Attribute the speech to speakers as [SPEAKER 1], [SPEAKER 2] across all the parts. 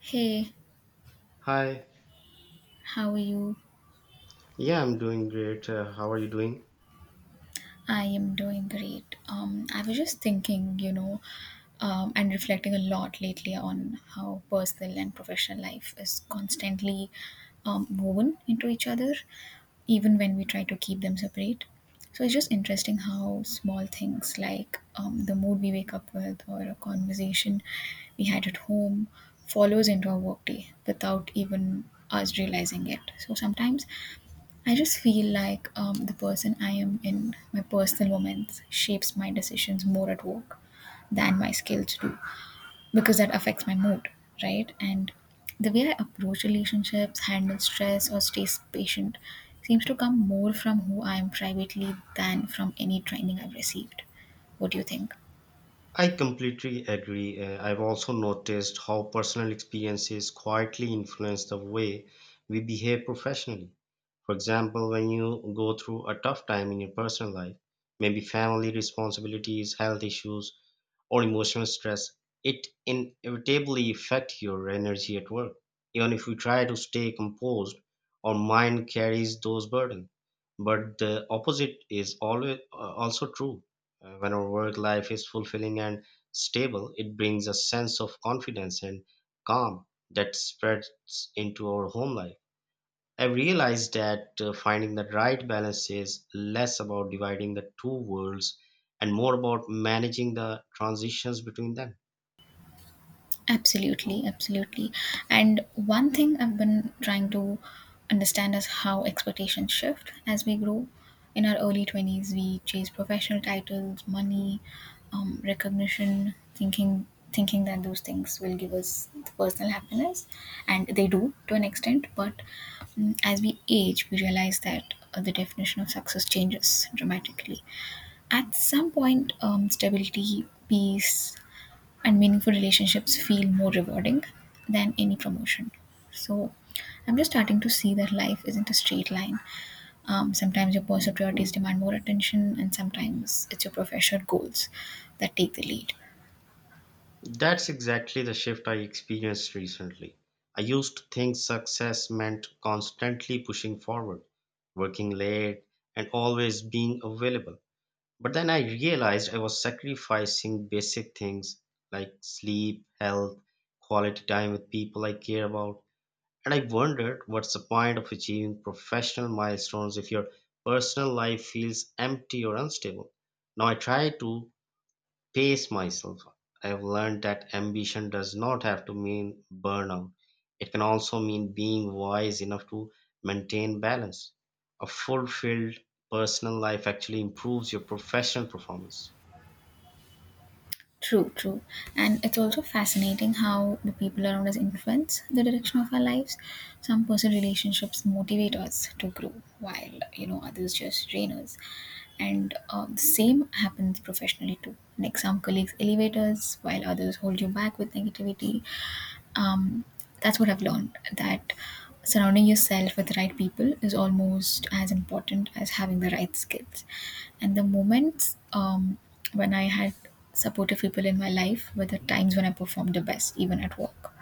[SPEAKER 1] Hey,
[SPEAKER 2] Hi.
[SPEAKER 1] how are you?
[SPEAKER 2] Yeah, I'm doing great. How are you doing?
[SPEAKER 1] I am doing great. I was just thinking, and reflecting a lot lately on how personal and professional life is constantly woven into each other, even when we try to keep them separate. So it's just interesting how small things like the mood we wake up with or a conversation we had at home follows into our workday without even us realizing it. So sometimes I just feel like the person I am in my personal moments shapes my decisions more at work than my skills do because that affects my mood, right? And the way I approach relationships, handle stress, or stay patient seems to come more from who I am privately than from any training I've received. What do you think?
[SPEAKER 2] I completely agree. I've also noticed how personal experiences quietly influence the way we behave professionally. For example, when you go through a tough time in your personal life, maybe family responsibilities, health issues, or emotional stress, it inevitably affects your energy at work. Even if you try to stay composed, our mind carries those burdens. But the opposite is always also true. When our work life is fulfilling and stable, it brings a sense of confidence and calm that spreads into our home life. I realized that finding the right balance is less about dividing the two worlds and more about managing the transitions between them.
[SPEAKER 1] Absolutely, absolutely. And one thing I've been trying to understand is how expectations shift as we grow. In our early 20s, we chase professional titles, money, recognition, thinking that those things will give us the personal happiness, and they do to an extent, but as we age we realize that the definition of success changes dramatically. At some point stability, peace, and meaningful relationships feel more rewarding than any promotion. So I'm just starting to see that life isn't a straight line. Sometimes your personal priorities demand more attention, and sometimes it's your professional goals that take the lead.
[SPEAKER 2] That's exactly the shift I experienced recently. I used to think success meant constantly pushing forward, working late, and always being available. But then I realized I was sacrificing basic things like sleep, health, quality time with people I care about. And I wondered, what's the point of achieving professional milestones if your personal life feels empty or unstable? Now I try to pace myself. I've learned that ambition does not have to mean burnout. It can also mean being wise enough to maintain balance. A fulfilled personal life actually improves your professional performance.
[SPEAKER 1] True, true. And it's also fascinating how the people around us influence the direction of our lives. Some personal relationships motivate us to grow, while, you know, others just drain us. And the same happens professionally too. Like, some colleagues elevate us, while others hold you back with negativity. um, that's what I've learned, that surrounding yourself with the right people is almost as important as having the right skills. And the moments when I had supportive people in my life were the times when I performed the best, even at work.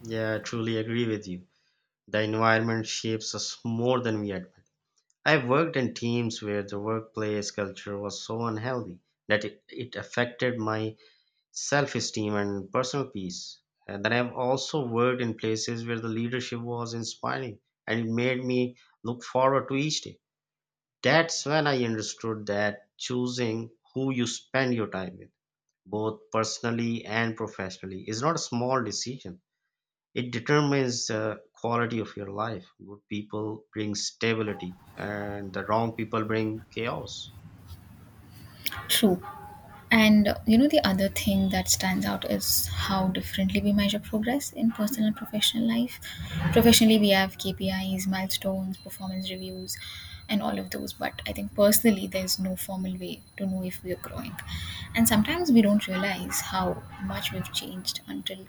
[SPEAKER 2] Yeah, I truly agree with you. The environment shapes us more than we admit. I've worked in teams where the workplace culture was so unhealthy that it affected my self esteem and personal peace. And then I've also worked in places where the leadership was inspiring and it made me look forward to each day. That's when I understood that choosing who you spend your time with, both personally and professionally, is not a small decision. It determines the quality of your life. Good people bring stability and the wrong people bring chaos.
[SPEAKER 1] True. And you know, the other thing that stands out is how differently we measure progress in personal and professional life. Professionally, we have KPIs, milestones, performance reviews, and all of those. But I think personally, there's no formal way to know if we are growing. And sometimes we don't realize how much we've changed until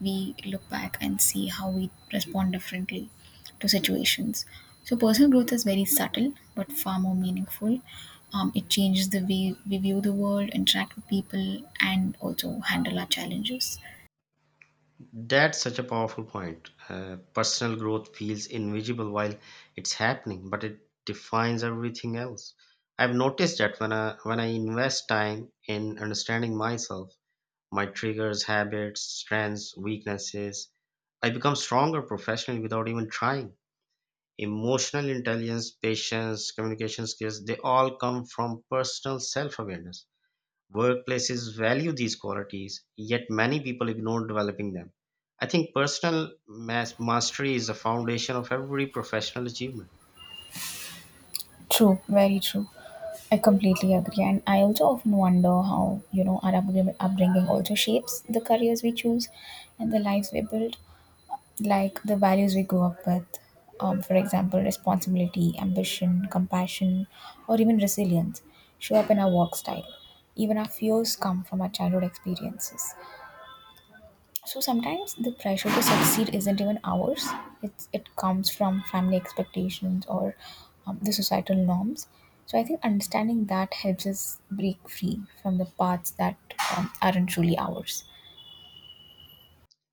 [SPEAKER 1] we look back and see how we respond differently to situations. So, personal growth is very subtle but far more meaningful. It changes the way we view the world, interact with people, and also handle our challenges.
[SPEAKER 2] That's such a powerful point. Personal growth feels invisible while it's happening, but it defines everything else. I've noticed that when I invest time in understanding myself, my triggers, habits, strengths, weaknesses, I become stronger professionally without even trying. Emotional intelligence, patience, communication skills, they all come from personal self awareness. Workplaces value these qualities, yet many people ignore developing them. I think personal mastery is the foundation of every professional achievement.
[SPEAKER 1] True, very true. I completely agree. And I also often wonder how, you know, our upbringing also shapes the careers we choose and the lives we build. Like the values we grew up with, for example, responsibility, ambition, compassion, or even resilience, show up in our work style. Even our fears come from our childhood experiences. So sometimes the pressure to succeed isn't even ours, it comes from family expectations or the societal norms. So I think understanding that helps us break free from the paths that aren't truly ours.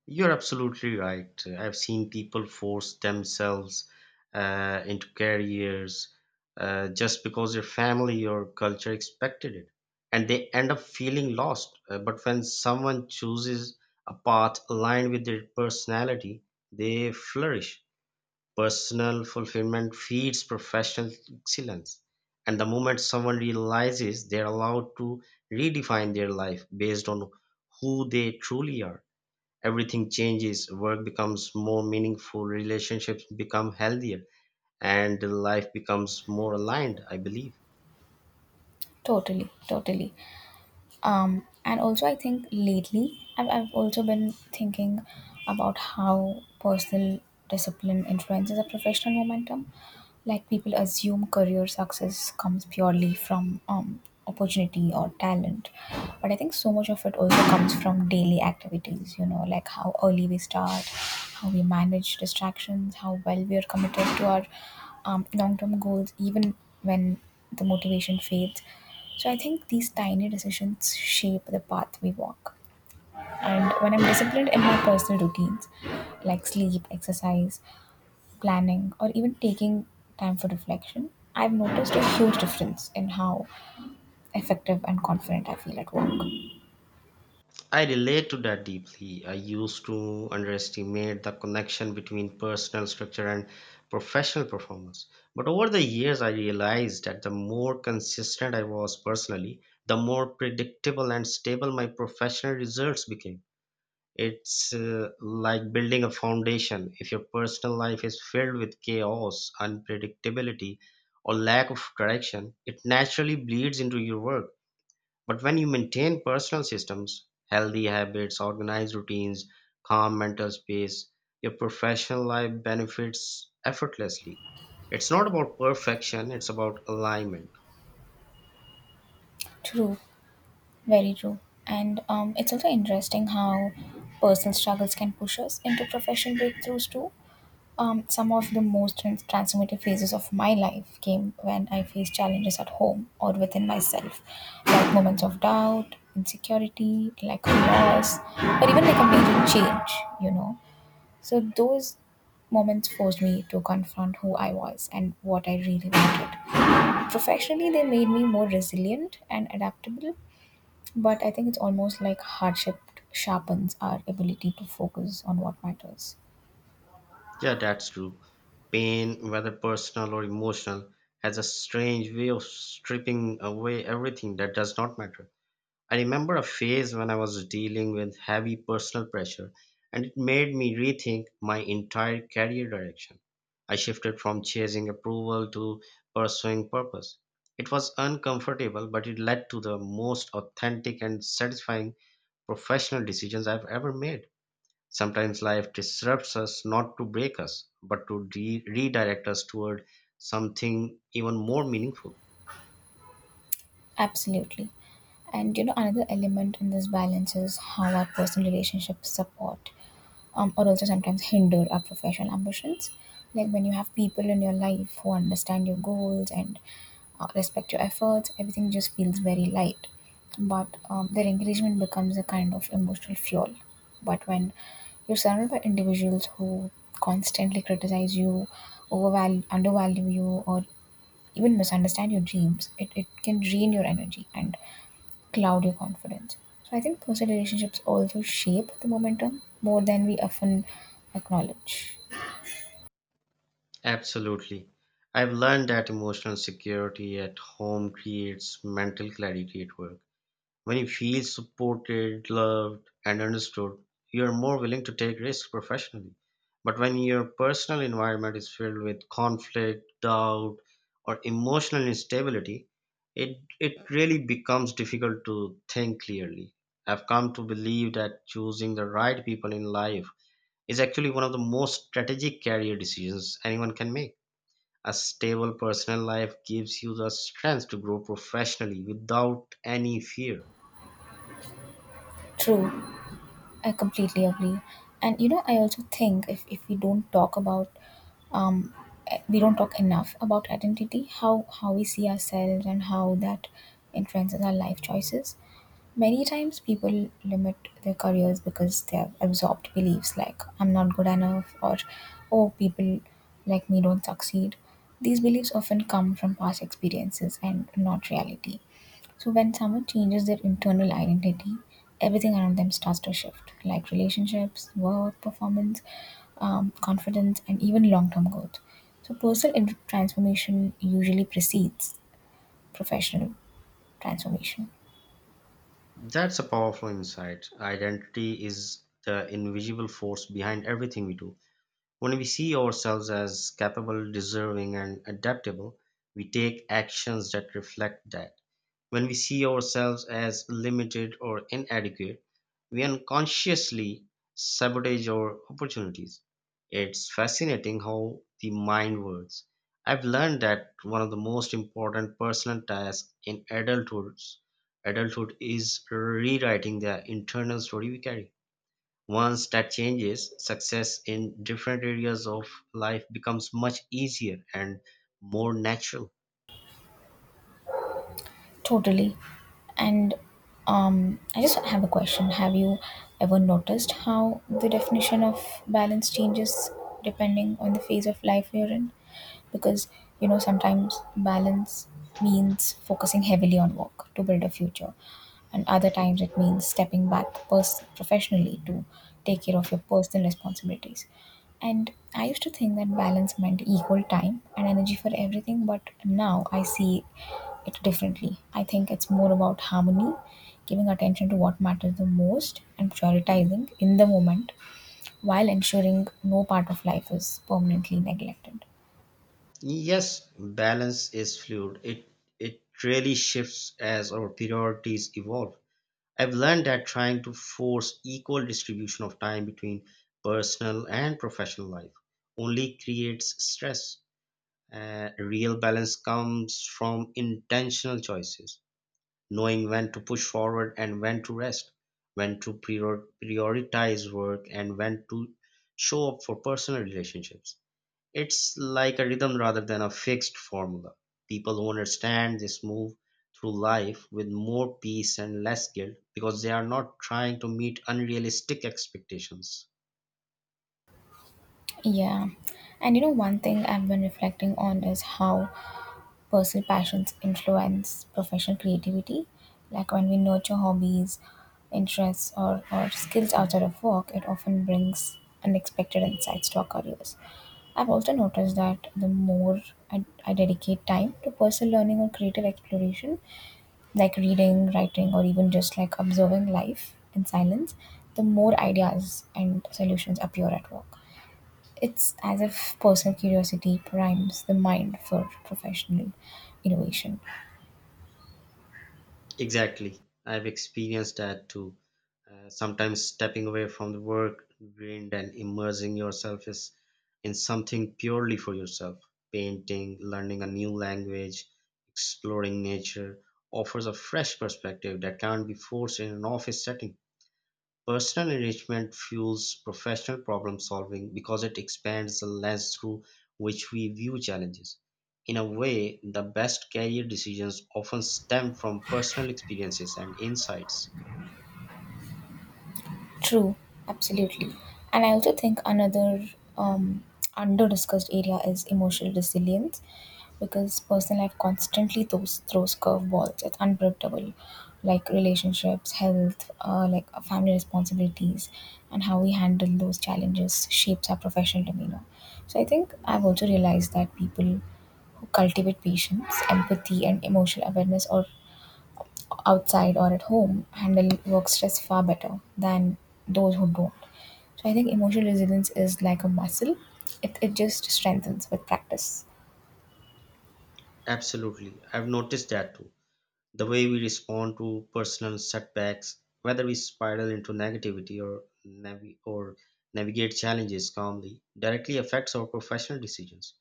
[SPEAKER 2] You're absolutely right. I've seen people force themselves into careers just because their family or culture expected it, and they end up feeling lost. But when someone chooses a path aligned with their personality, they flourish. Personal fulfillment feeds professional excellence. And the moment someone realizes they're allowed to redefine their life based on who they truly are, everything changes. Work becomes more meaningful, relationships become healthier, and life becomes more aligned, I believe.
[SPEAKER 1] Totally, totally. And also, I think lately, I've also been thinking about how personal discipline influences a professional momentum. Like, people assume career success comes purely from opportunity or talent, but I think so much of it also comes from daily activities, you know, like how early we start, how we manage distractions, how well we are committed to our long-term goals, even when the motivation fades. So I think these tiny decisions shape the path we walk. And when I'm disciplined in my personal routines, like sleep, exercise, planning, or even taking time for reflection, I've noticed a huge difference in how effective and confident I feel at work.
[SPEAKER 2] I relate to that deeply. I used to underestimate the connection between personal structure and professional performance, but over the years I realized that the more consistent I was personally, the more predictable and stable my professional results became. It's like building a foundation. If your personal life is filled with chaos, unpredictability, or lack of direction, it naturally bleeds into your work. But when you maintain personal systems, healthy habits, organized routines, calm mental space, your professional life benefits effortlessly. It's not about perfection, it's about alignment.
[SPEAKER 1] True, very true. And it's also interesting how personal struggles can push us into professional breakthroughs too. Some of the most transformative phases of my life came when I faced challenges at home or within myself, like moments of doubt, insecurity, like loss, or even like a major change, you know. So those moments forced me to confront who I was and what I really wanted. Professionally, they made me more resilient and adaptable, but I think it's almost like hardship sharpens our ability to focus on what matters.
[SPEAKER 2] Yeah, that's true. Pain, whether personal or emotional, has a strange way of stripping away everything that does not matter. I remember a phase when I was dealing with heavy personal pressure, and it made me rethink my entire career direction. I shifted from chasing approval to pursuing purpose. It was uncomfortable, but it led to the most authentic and satisfying professional decisions I've ever made. Sometimes life disrupts us not to break us, but to redirect us toward something even more meaningful.
[SPEAKER 1] Absolutely. And you know, another element in this balance is how our personal relationships support or also sometimes hinder our professional ambitions. Like, when you have people in your life who understand your goals and respect your efforts, everything just feels very light. But their encouragement becomes a kind of emotional fuel. But when you're surrounded by individuals who constantly criticize you, overvalue, undervalue you, or even misunderstand your dreams, it can drain your energy and cloud your confidence. So I think personal relationships also shape the momentum more than we often acknowledge.
[SPEAKER 2] Absolutely. I've learned that emotional security at home creates mental clarity at work. When you feel supported, loved, and understood, you're more willing to take risks professionally. But when your personal environment is filled with conflict, doubt, or emotional instability, it really becomes difficult to think clearly. I've come to believe that choosing the right people in life is actually one of the most strategic career decisions anyone can make. A stable personal life gives you the strength to grow professionally without any fear.
[SPEAKER 1] True. I completely agree. And you know, I also think if we don't talk about um we don't talk enough about identity, how we see ourselves and how that influences our life choices. Many times people limit their careers because they have absorbed beliefs like I'm not good enough, or oh, people like me don't succeed. These beliefs often come from past experiences and not reality. So when someone changes their internal identity, everything around them starts to shift, like relationships, work, performance, confidence, and even long-term growth. So personal transformation usually precedes professional transformation.
[SPEAKER 2] That's a powerful insight. Identity is the invisible force behind everything we do. When we see ourselves as capable, deserving, and adaptable, we take actions that reflect that. When we see ourselves as limited or inadequate, we unconsciously sabotage our opportunities. It's fascinating how the mind works. I've learned that one of the most important personal tasks in adulthood is rewriting the internal story we carry. Once that changes, success in different areas of life becomes much easier and more natural.
[SPEAKER 1] Totally. And I just have a question. Have you ever noticed how the definition of balance changes depending on the phase of life you're in? Because, you know, sometimes balance means focusing heavily on work to build a future, and other times it means stepping back professionally to take care of your personal responsibilities. And I used to think that balance meant equal time and energy for everything, but now I see it differently. I think it's more about harmony, giving attention to what matters the most, and prioritizing in the moment while ensuring no part of life is permanently neglected.
[SPEAKER 2] Yes, balance is fluid. It really shifts as our priorities evolve. I've learned that trying to force equal distribution of time between personal and professional life only creates stress. Real balance comes from intentional choices, knowing when to push forward and when to rest, when to prioritize work and when to show up for personal relationships. It's like a rhythm rather than a fixed formula. People who understand this move through life with more peace and less guilt because they are not trying to meet unrealistic expectations.
[SPEAKER 1] Yeah. And you know, one thing I've been reflecting on is how personal passions influence professional creativity. Like, when we nurture hobbies, interests, or skills outside of work, it often brings unexpected insights to our careers. I've also noticed that the more I dedicate time to personal learning or creative exploration, like reading, writing, or even just like observing life in silence, the more ideas and solutions appear at work. It's as if personal curiosity primes the mind for professional innovation.
[SPEAKER 2] Exactly. I've experienced that too. Sometimes stepping away from the work grind and immersing yourself is in something purely for yourself. Painting, learning a new language, exploring nature offers a fresh perspective that can't be forced in an office setting. Personal enrichment fuels professional problem solving because it expands the lens through which we view challenges. In a way, the best career decisions often stem from personal experiences and insights.
[SPEAKER 1] True, absolutely. And I also think another um, under discussed area is emotional resilience because personal life constantly throws, throws curveballs. It's unpredictable, like relationships, health, family responsibilities, and how we handle those challenges shapes our professional demeanor. So I think I've also realized that people who cultivate patience, empathy, and emotional awareness are outside or at home handle work stress far better than those who don't. So I think emotional resilience is like a muscle. It just strengthens with practice.
[SPEAKER 2] Absolutely, I've noticed that too. The way we respond to personal setbacks, whether we spiral into negativity or navigate challenges calmly, directly affects our professional decisions.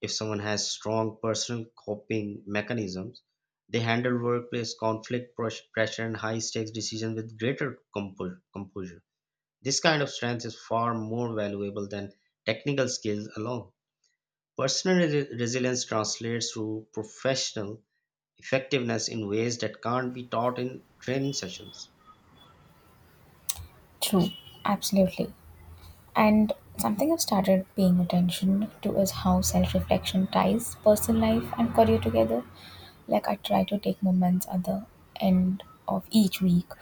[SPEAKER 2] If someone has strong personal coping mechanisms, they handle workplace conflict, pressure, and high stakes decisions with greater composure. This kind of strength is far more valuable than technical skills alone. Personal resilience translates to professional effectiveness in ways that can't be taught in training sessions.
[SPEAKER 1] True. Absolutely. And something I've started paying attention to is how self reflection ties personal life and career together. Like, I try to take moments at the end of each week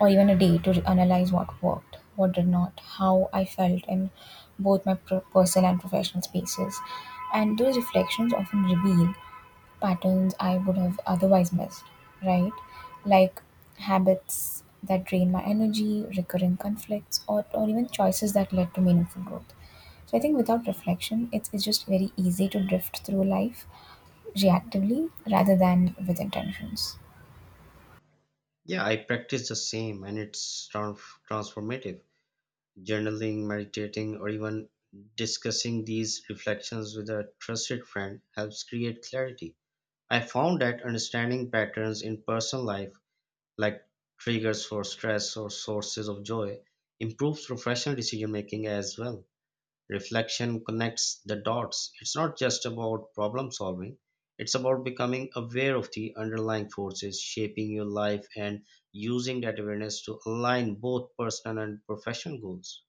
[SPEAKER 1] or even a day to analyze what worked, what did not, how I felt in both my personal and professional spaces, and those reflections often reveal patterns I would have otherwise missed, right? Like habits that drain my energy, recurring conflicts, or even choices that led to meaningful growth. So I think without reflection, it's just very easy to drift through life reactively rather than with intentions.
[SPEAKER 2] Yeah, I practice the same and it's transformative. Journaling, meditating, or even discussing these reflections with a trusted friend helps create clarity. I found that understanding patterns in personal life, like triggers for stress or sources of joy, improves professional decision making as well. Reflection connects the dots. It's not just about problem solving, it's about becoming aware of the underlying forces shaping your life and using that awareness to align both personal and professional goals.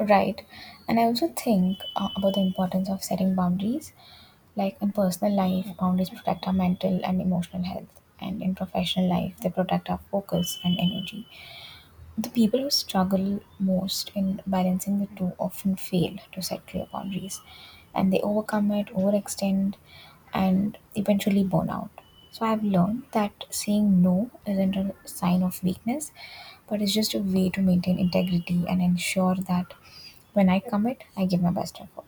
[SPEAKER 1] Right. And I also think about the importance of setting boundaries. Like, in personal life, boundaries protect our mental and emotional health. And in professional life, they protect our focus and energy. The people who struggle most in balancing the two often fail to set clear boundaries and they overcome it, overextend, and eventually burn out. So I've learned that saying no isn't a sign of weakness, but it's just a way to maintain integrity and ensure that when I commit, I give my best effort.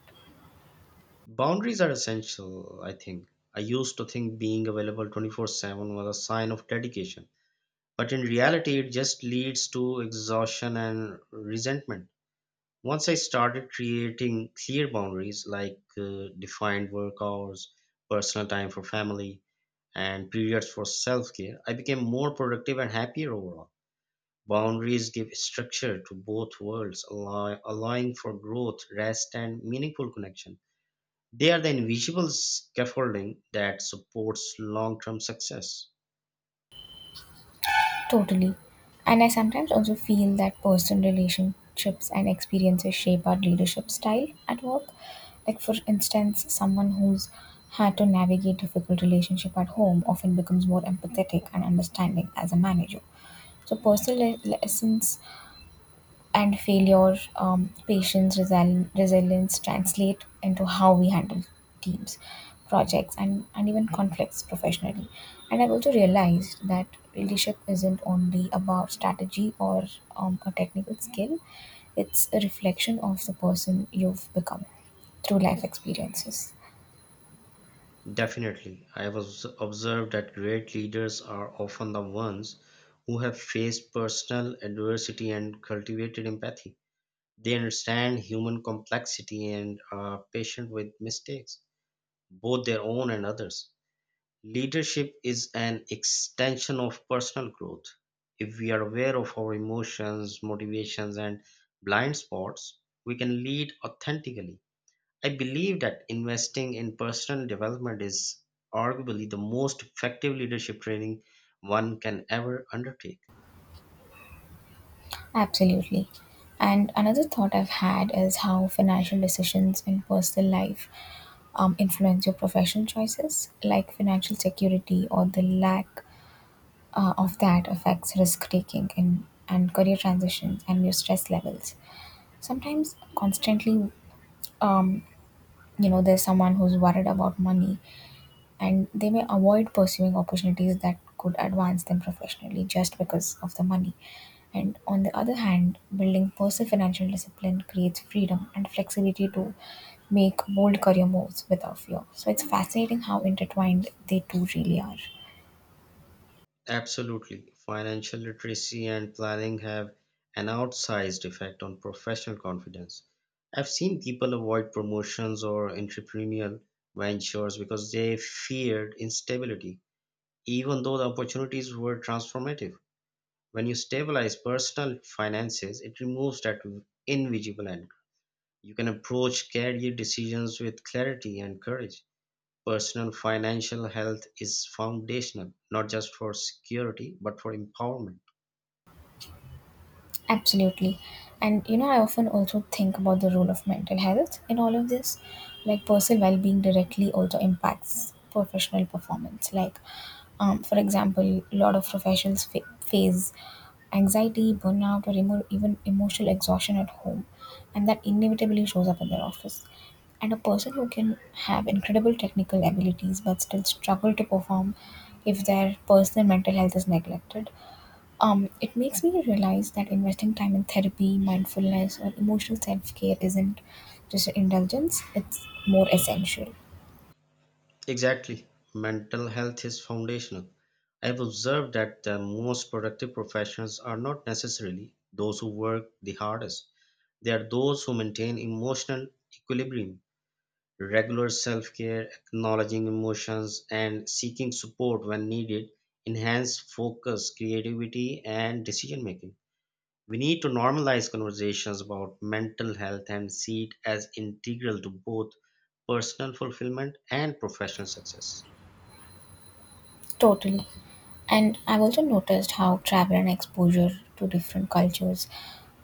[SPEAKER 2] Boundaries are essential, I think. I used to think being available 24/7 was a sign of dedication, but in reality, it just leads to exhaustion and resentment. Once I started creating clear boundaries like defined work hours, personal time for family, and periods for self care, I became more productive and happier overall. Boundaries give structure to both worlds, allowing for growth, rest, and meaningful connection. They are the invisible scaffolding that supports long term success.
[SPEAKER 1] Totally. And I sometimes also feel that personal relationships and experiences shape our leadership style at work. Like, for instance, someone who's had to navigate difficult relationship at home often becomes more empathetic and understanding as a manager. So, personal lessons and failure, patience, resilience translate into how we handle teams, projects, and even conflicts professionally. And I've also realized that leadership isn't only about strategy or a technical skill, it's a reflection of the person you've become through life experiences.
[SPEAKER 2] Definitely, I have observed that great leaders are often the ones who have faced personal adversity and cultivated empathy. They understand human complexity and are patient with mistakes, both their own and others. Leadership is an extension of personal growth. If we are aware of our emotions, motivations, and blind spots, we can lead authentically. I believe that investing in personal development is arguably the most effective leadership training one can ever undertake.
[SPEAKER 1] Absolutely. And another thought I've had is how financial decisions in personal life influence your professional choices, like financial security or the lack of that affects risk taking and career transitions and your stress levels. Sometimes constantly um, there's someone who's worried about money and they may avoid pursuing opportunities that could advance them professionally just because of the money, and on the other hand, building personal financial discipline creates freedom and flexibility to make bold career moves without fear. So it's fascinating how intertwined they two really are.
[SPEAKER 2] Absolutely. Financial literacy and planning have an outsized effect on professional confidence. I've seen people avoid promotions or entrepreneurial ventures because they feared instability, even though the opportunities were transformative. When you stabilize personal finances, it removes that invisible anchor. You can approach career decisions with clarity and courage. Personal financial health is foundational, not just for security, but for empowerment.
[SPEAKER 1] Absolutely. And you know, I often also think about the role of mental health in all of this. Like, personal well being directly also impacts professional performance. For example, a lot of professionals face anxiety, burnout, or even emotional exhaustion at home. And that inevitably shows up in their office. And a person who can have incredible technical abilities but still struggle to perform if their personal mental health is neglected, it makes me realize that investing time in therapy, mindfulness, or emotional self care isn't just an indulgence, it's more essential.
[SPEAKER 2] Exactly. Mental health is foundational. I've observed that the most productive professionals are not necessarily those who work the hardest. They are those who maintain emotional equilibrium, regular self care, acknowledging emotions, and seeking support when needed, enhance focus, creativity, and decision making. We need to normalize conversations about mental health and see it as integral to both personal fulfillment and professional success.
[SPEAKER 1] Totally. And I've also noticed how travel and exposure to different cultures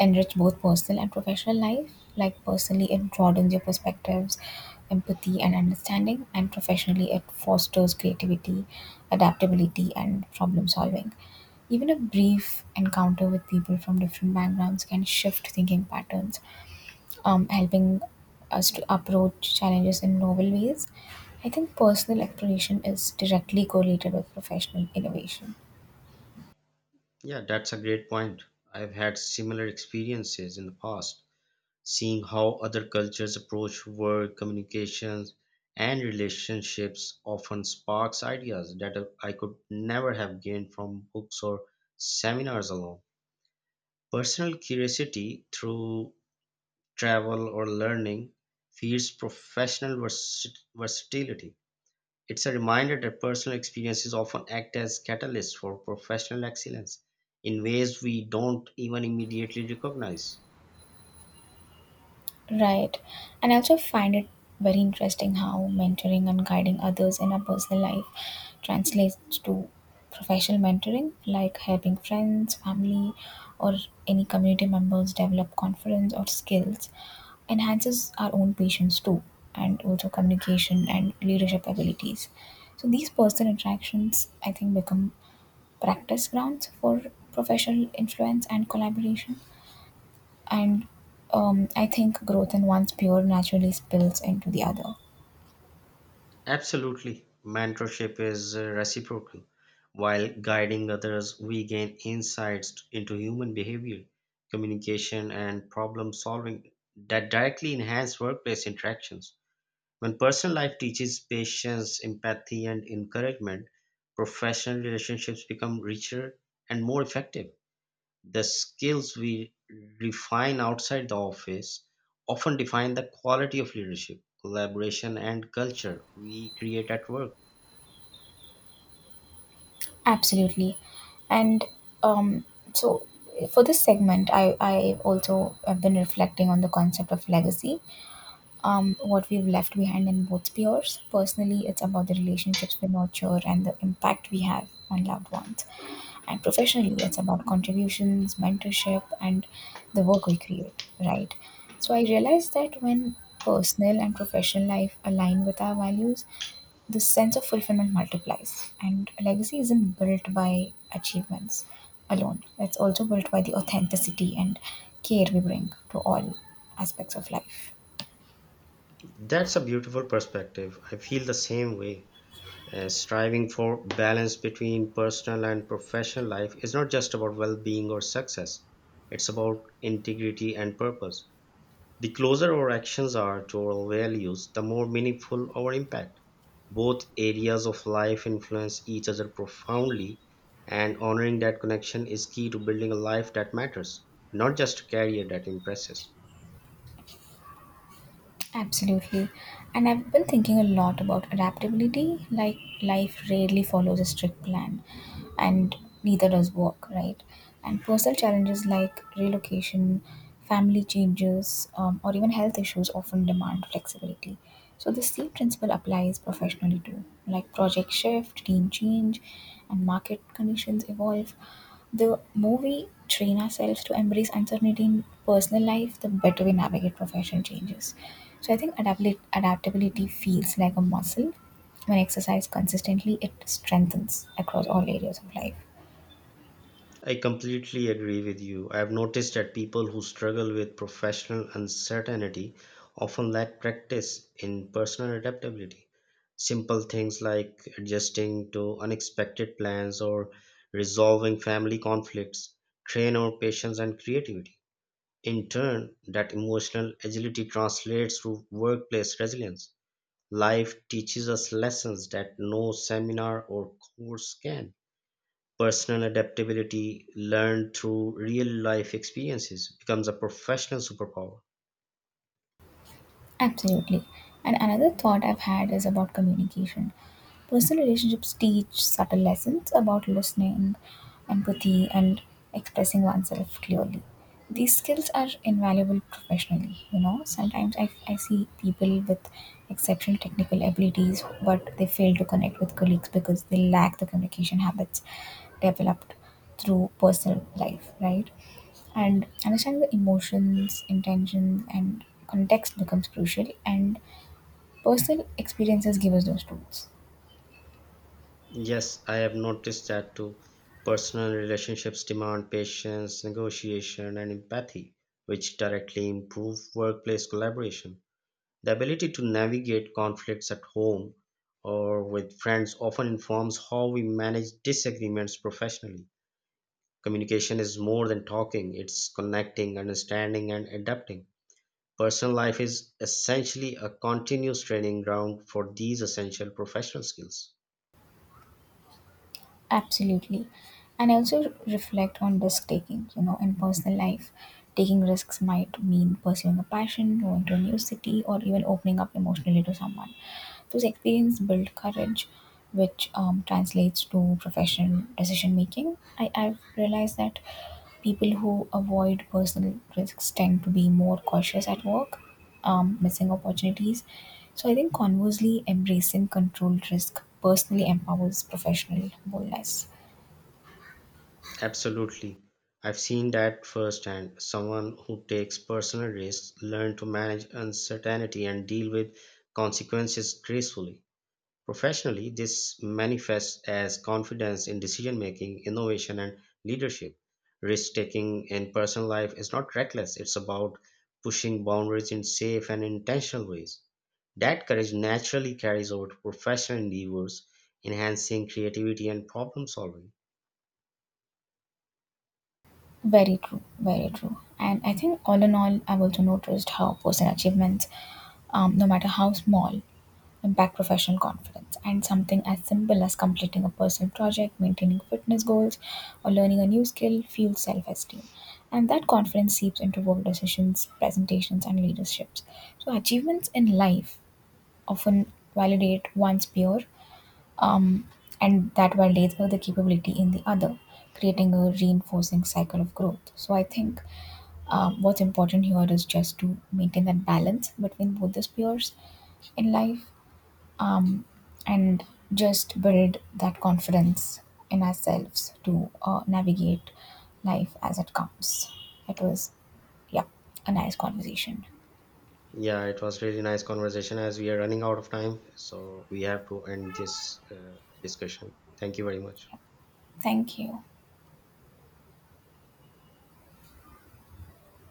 [SPEAKER 1] enrich both personal and professional life. Like, personally, it broadens your perspectives, empathy, and understanding, and professionally, it fosters creativity, adaptability, and problem solving. Even a brief encounter with people from different backgrounds can shift thinking patterns, helping us to approach challenges in novel ways. I think personal exploration is directly correlated with professional innovation.
[SPEAKER 2] Yeah, that's a great point. I've had similar experiences in the past, seeing how other cultures approach work, communications, and relationships often sparks ideas that I could never have gained from books or seminars alone. Personal curiosity through travel or learning feeds professional versatility. It's a reminder that personal experiences often act as catalysts for professional excellence in ways we don't even immediately recognize.
[SPEAKER 1] Right. And I also find it very interesting how mentoring and guiding others in our personal life translates to professional mentoring, like helping friends, family, or any community members develop confidence or skills, enhances our own patience too, and also communication and leadership abilities. So these personal interactions, I think, become practice grounds for professional influence and collaboration, and I think growth in one's peer naturally spills into the other.
[SPEAKER 2] Absolutely. Mentorship is reciprocal. While guiding others, we gain insights into human behavior, communication, and problem solving that directly enhance workplace interactions. When personal life teaches patience, empathy, and encouragement, professional relationships become richer and more effective. The skills we refine outside the office often define the quality of leadership, collaboration, and culture we create at work.
[SPEAKER 1] Absolutely. And um, so for this segment, I also have been reflecting on the concept of legacy, what we've left behind in both peers. Personally, it's about the relationships we nurture and the impact we have on loved ones. And professionally, it's about contributions, mentorship, and the work we create, right? So I realized that when personal and professional life align with our values, the sense of fulfillment multiplies. And a legacy isn't built by achievements alone, it's also built by the authenticity and care we bring to all aspects of life.
[SPEAKER 2] That's a beautiful perspective. I feel the same way. Striving for balance between personal and professional life is not just about well being or success, it's about integrity and purpose. The closer our actions are to our values, the more meaningful our impact. Both areas of life influence each other profoundly, and honoring that connection is key to building a life that matters, not just a career that impresses.
[SPEAKER 1] Absolutely. And I've been thinking a lot about adaptability. Like, life rarely follows a strict plan, and neither does work, right? And personal challenges like relocation, family changes, or even health issues often demand flexibility. So, the same principle applies professionally too. Like, project shift, team change, and market conditions evolve. The more we train ourselves to embrace uncertainty in personal life, the better we navigate professional changes. So I think adaptability feels like a muscle. When exercised consistently, it strengthens across all areas of life.
[SPEAKER 2] I completely agree with you. I have noticed that people who struggle with professional uncertainty often lack practice in personal adaptability. Simple things like adjusting to unexpected plans or resolving family conflicts train our patience and creativity. In turn, that emotional agility translates to workplace resilience. Life teaches us lessons that no seminar or course can. Personal adaptability, learned through real life experiences, becomes a professional superpower.
[SPEAKER 1] Absolutely. And another thought I've had is about communication. Personal relationships teach subtle lessons about listening, empathy, and expressing oneself clearly. These skills are invaluable professionally. You know, sometimes I see people with exceptional technical abilities, but they fail to connect with colleagues because they lack the communication habits developed through personal life, right? And understanding the emotions, intentions, and context becomes crucial, and personal experiences give us those tools.
[SPEAKER 2] Yes, I have noticed that too. Personal relationships demand patience, negotiation, and empathy, which directly improve workplace collaboration. The ability to navigate conflicts at home or with friends often informs how we manage disagreements professionally. Communication is more than talking, it's connecting, understanding, and adapting. Personal life is essentially a continuous training ground for these essential professional skills.
[SPEAKER 1] Absolutely. And I also reflect on risk taking, you know, in personal life. Taking risks might mean pursuing a passion, going to a new city, or even opening up emotionally to someone. Those experiences build courage, which translates to professional decision making. I've realized that people who avoid personal risks tend to be more cautious at work, missing opportunities. So I think conversely, embracing controlled risk personally empowers professional boldness.
[SPEAKER 2] Absolutely. I've seen that firsthand. Someone who takes personal risks learn to manage uncertainty and deal with consequences gracefully. Professionally, this manifests as confidence in decision making, innovation, and leadership. Risk taking in personal life is not reckless, it's about pushing boundaries in safe and intentional ways. That courage naturally carries over to professional endeavors, enhancing creativity and problem solving.
[SPEAKER 1] Very true, very true. And I think all in all, I've also noticed how personal achievements, no matter how small, impact professional confidence. And something as simple as completing a personal project, maintaining fitness goals, or learning a new skill fuels self esteem. And that confidence seeps into work decisions, presentations, and leaderships. So, achievements in life often validate one's peer, um, and that validates the capability in the other, creating a reinforcing cycle of growth. So I think what's important here is just to maintain that balance between both the spheres in life, um, and just build that confidence in ourselves to navigate life as it comes. It was, yeah, a nice conversation.
[SPEAKER 2] Yeah, it was really nice conversation as we are running out of time, so we have to end this discussion. Thank you very much.
[SPEAKER 1] Thank you.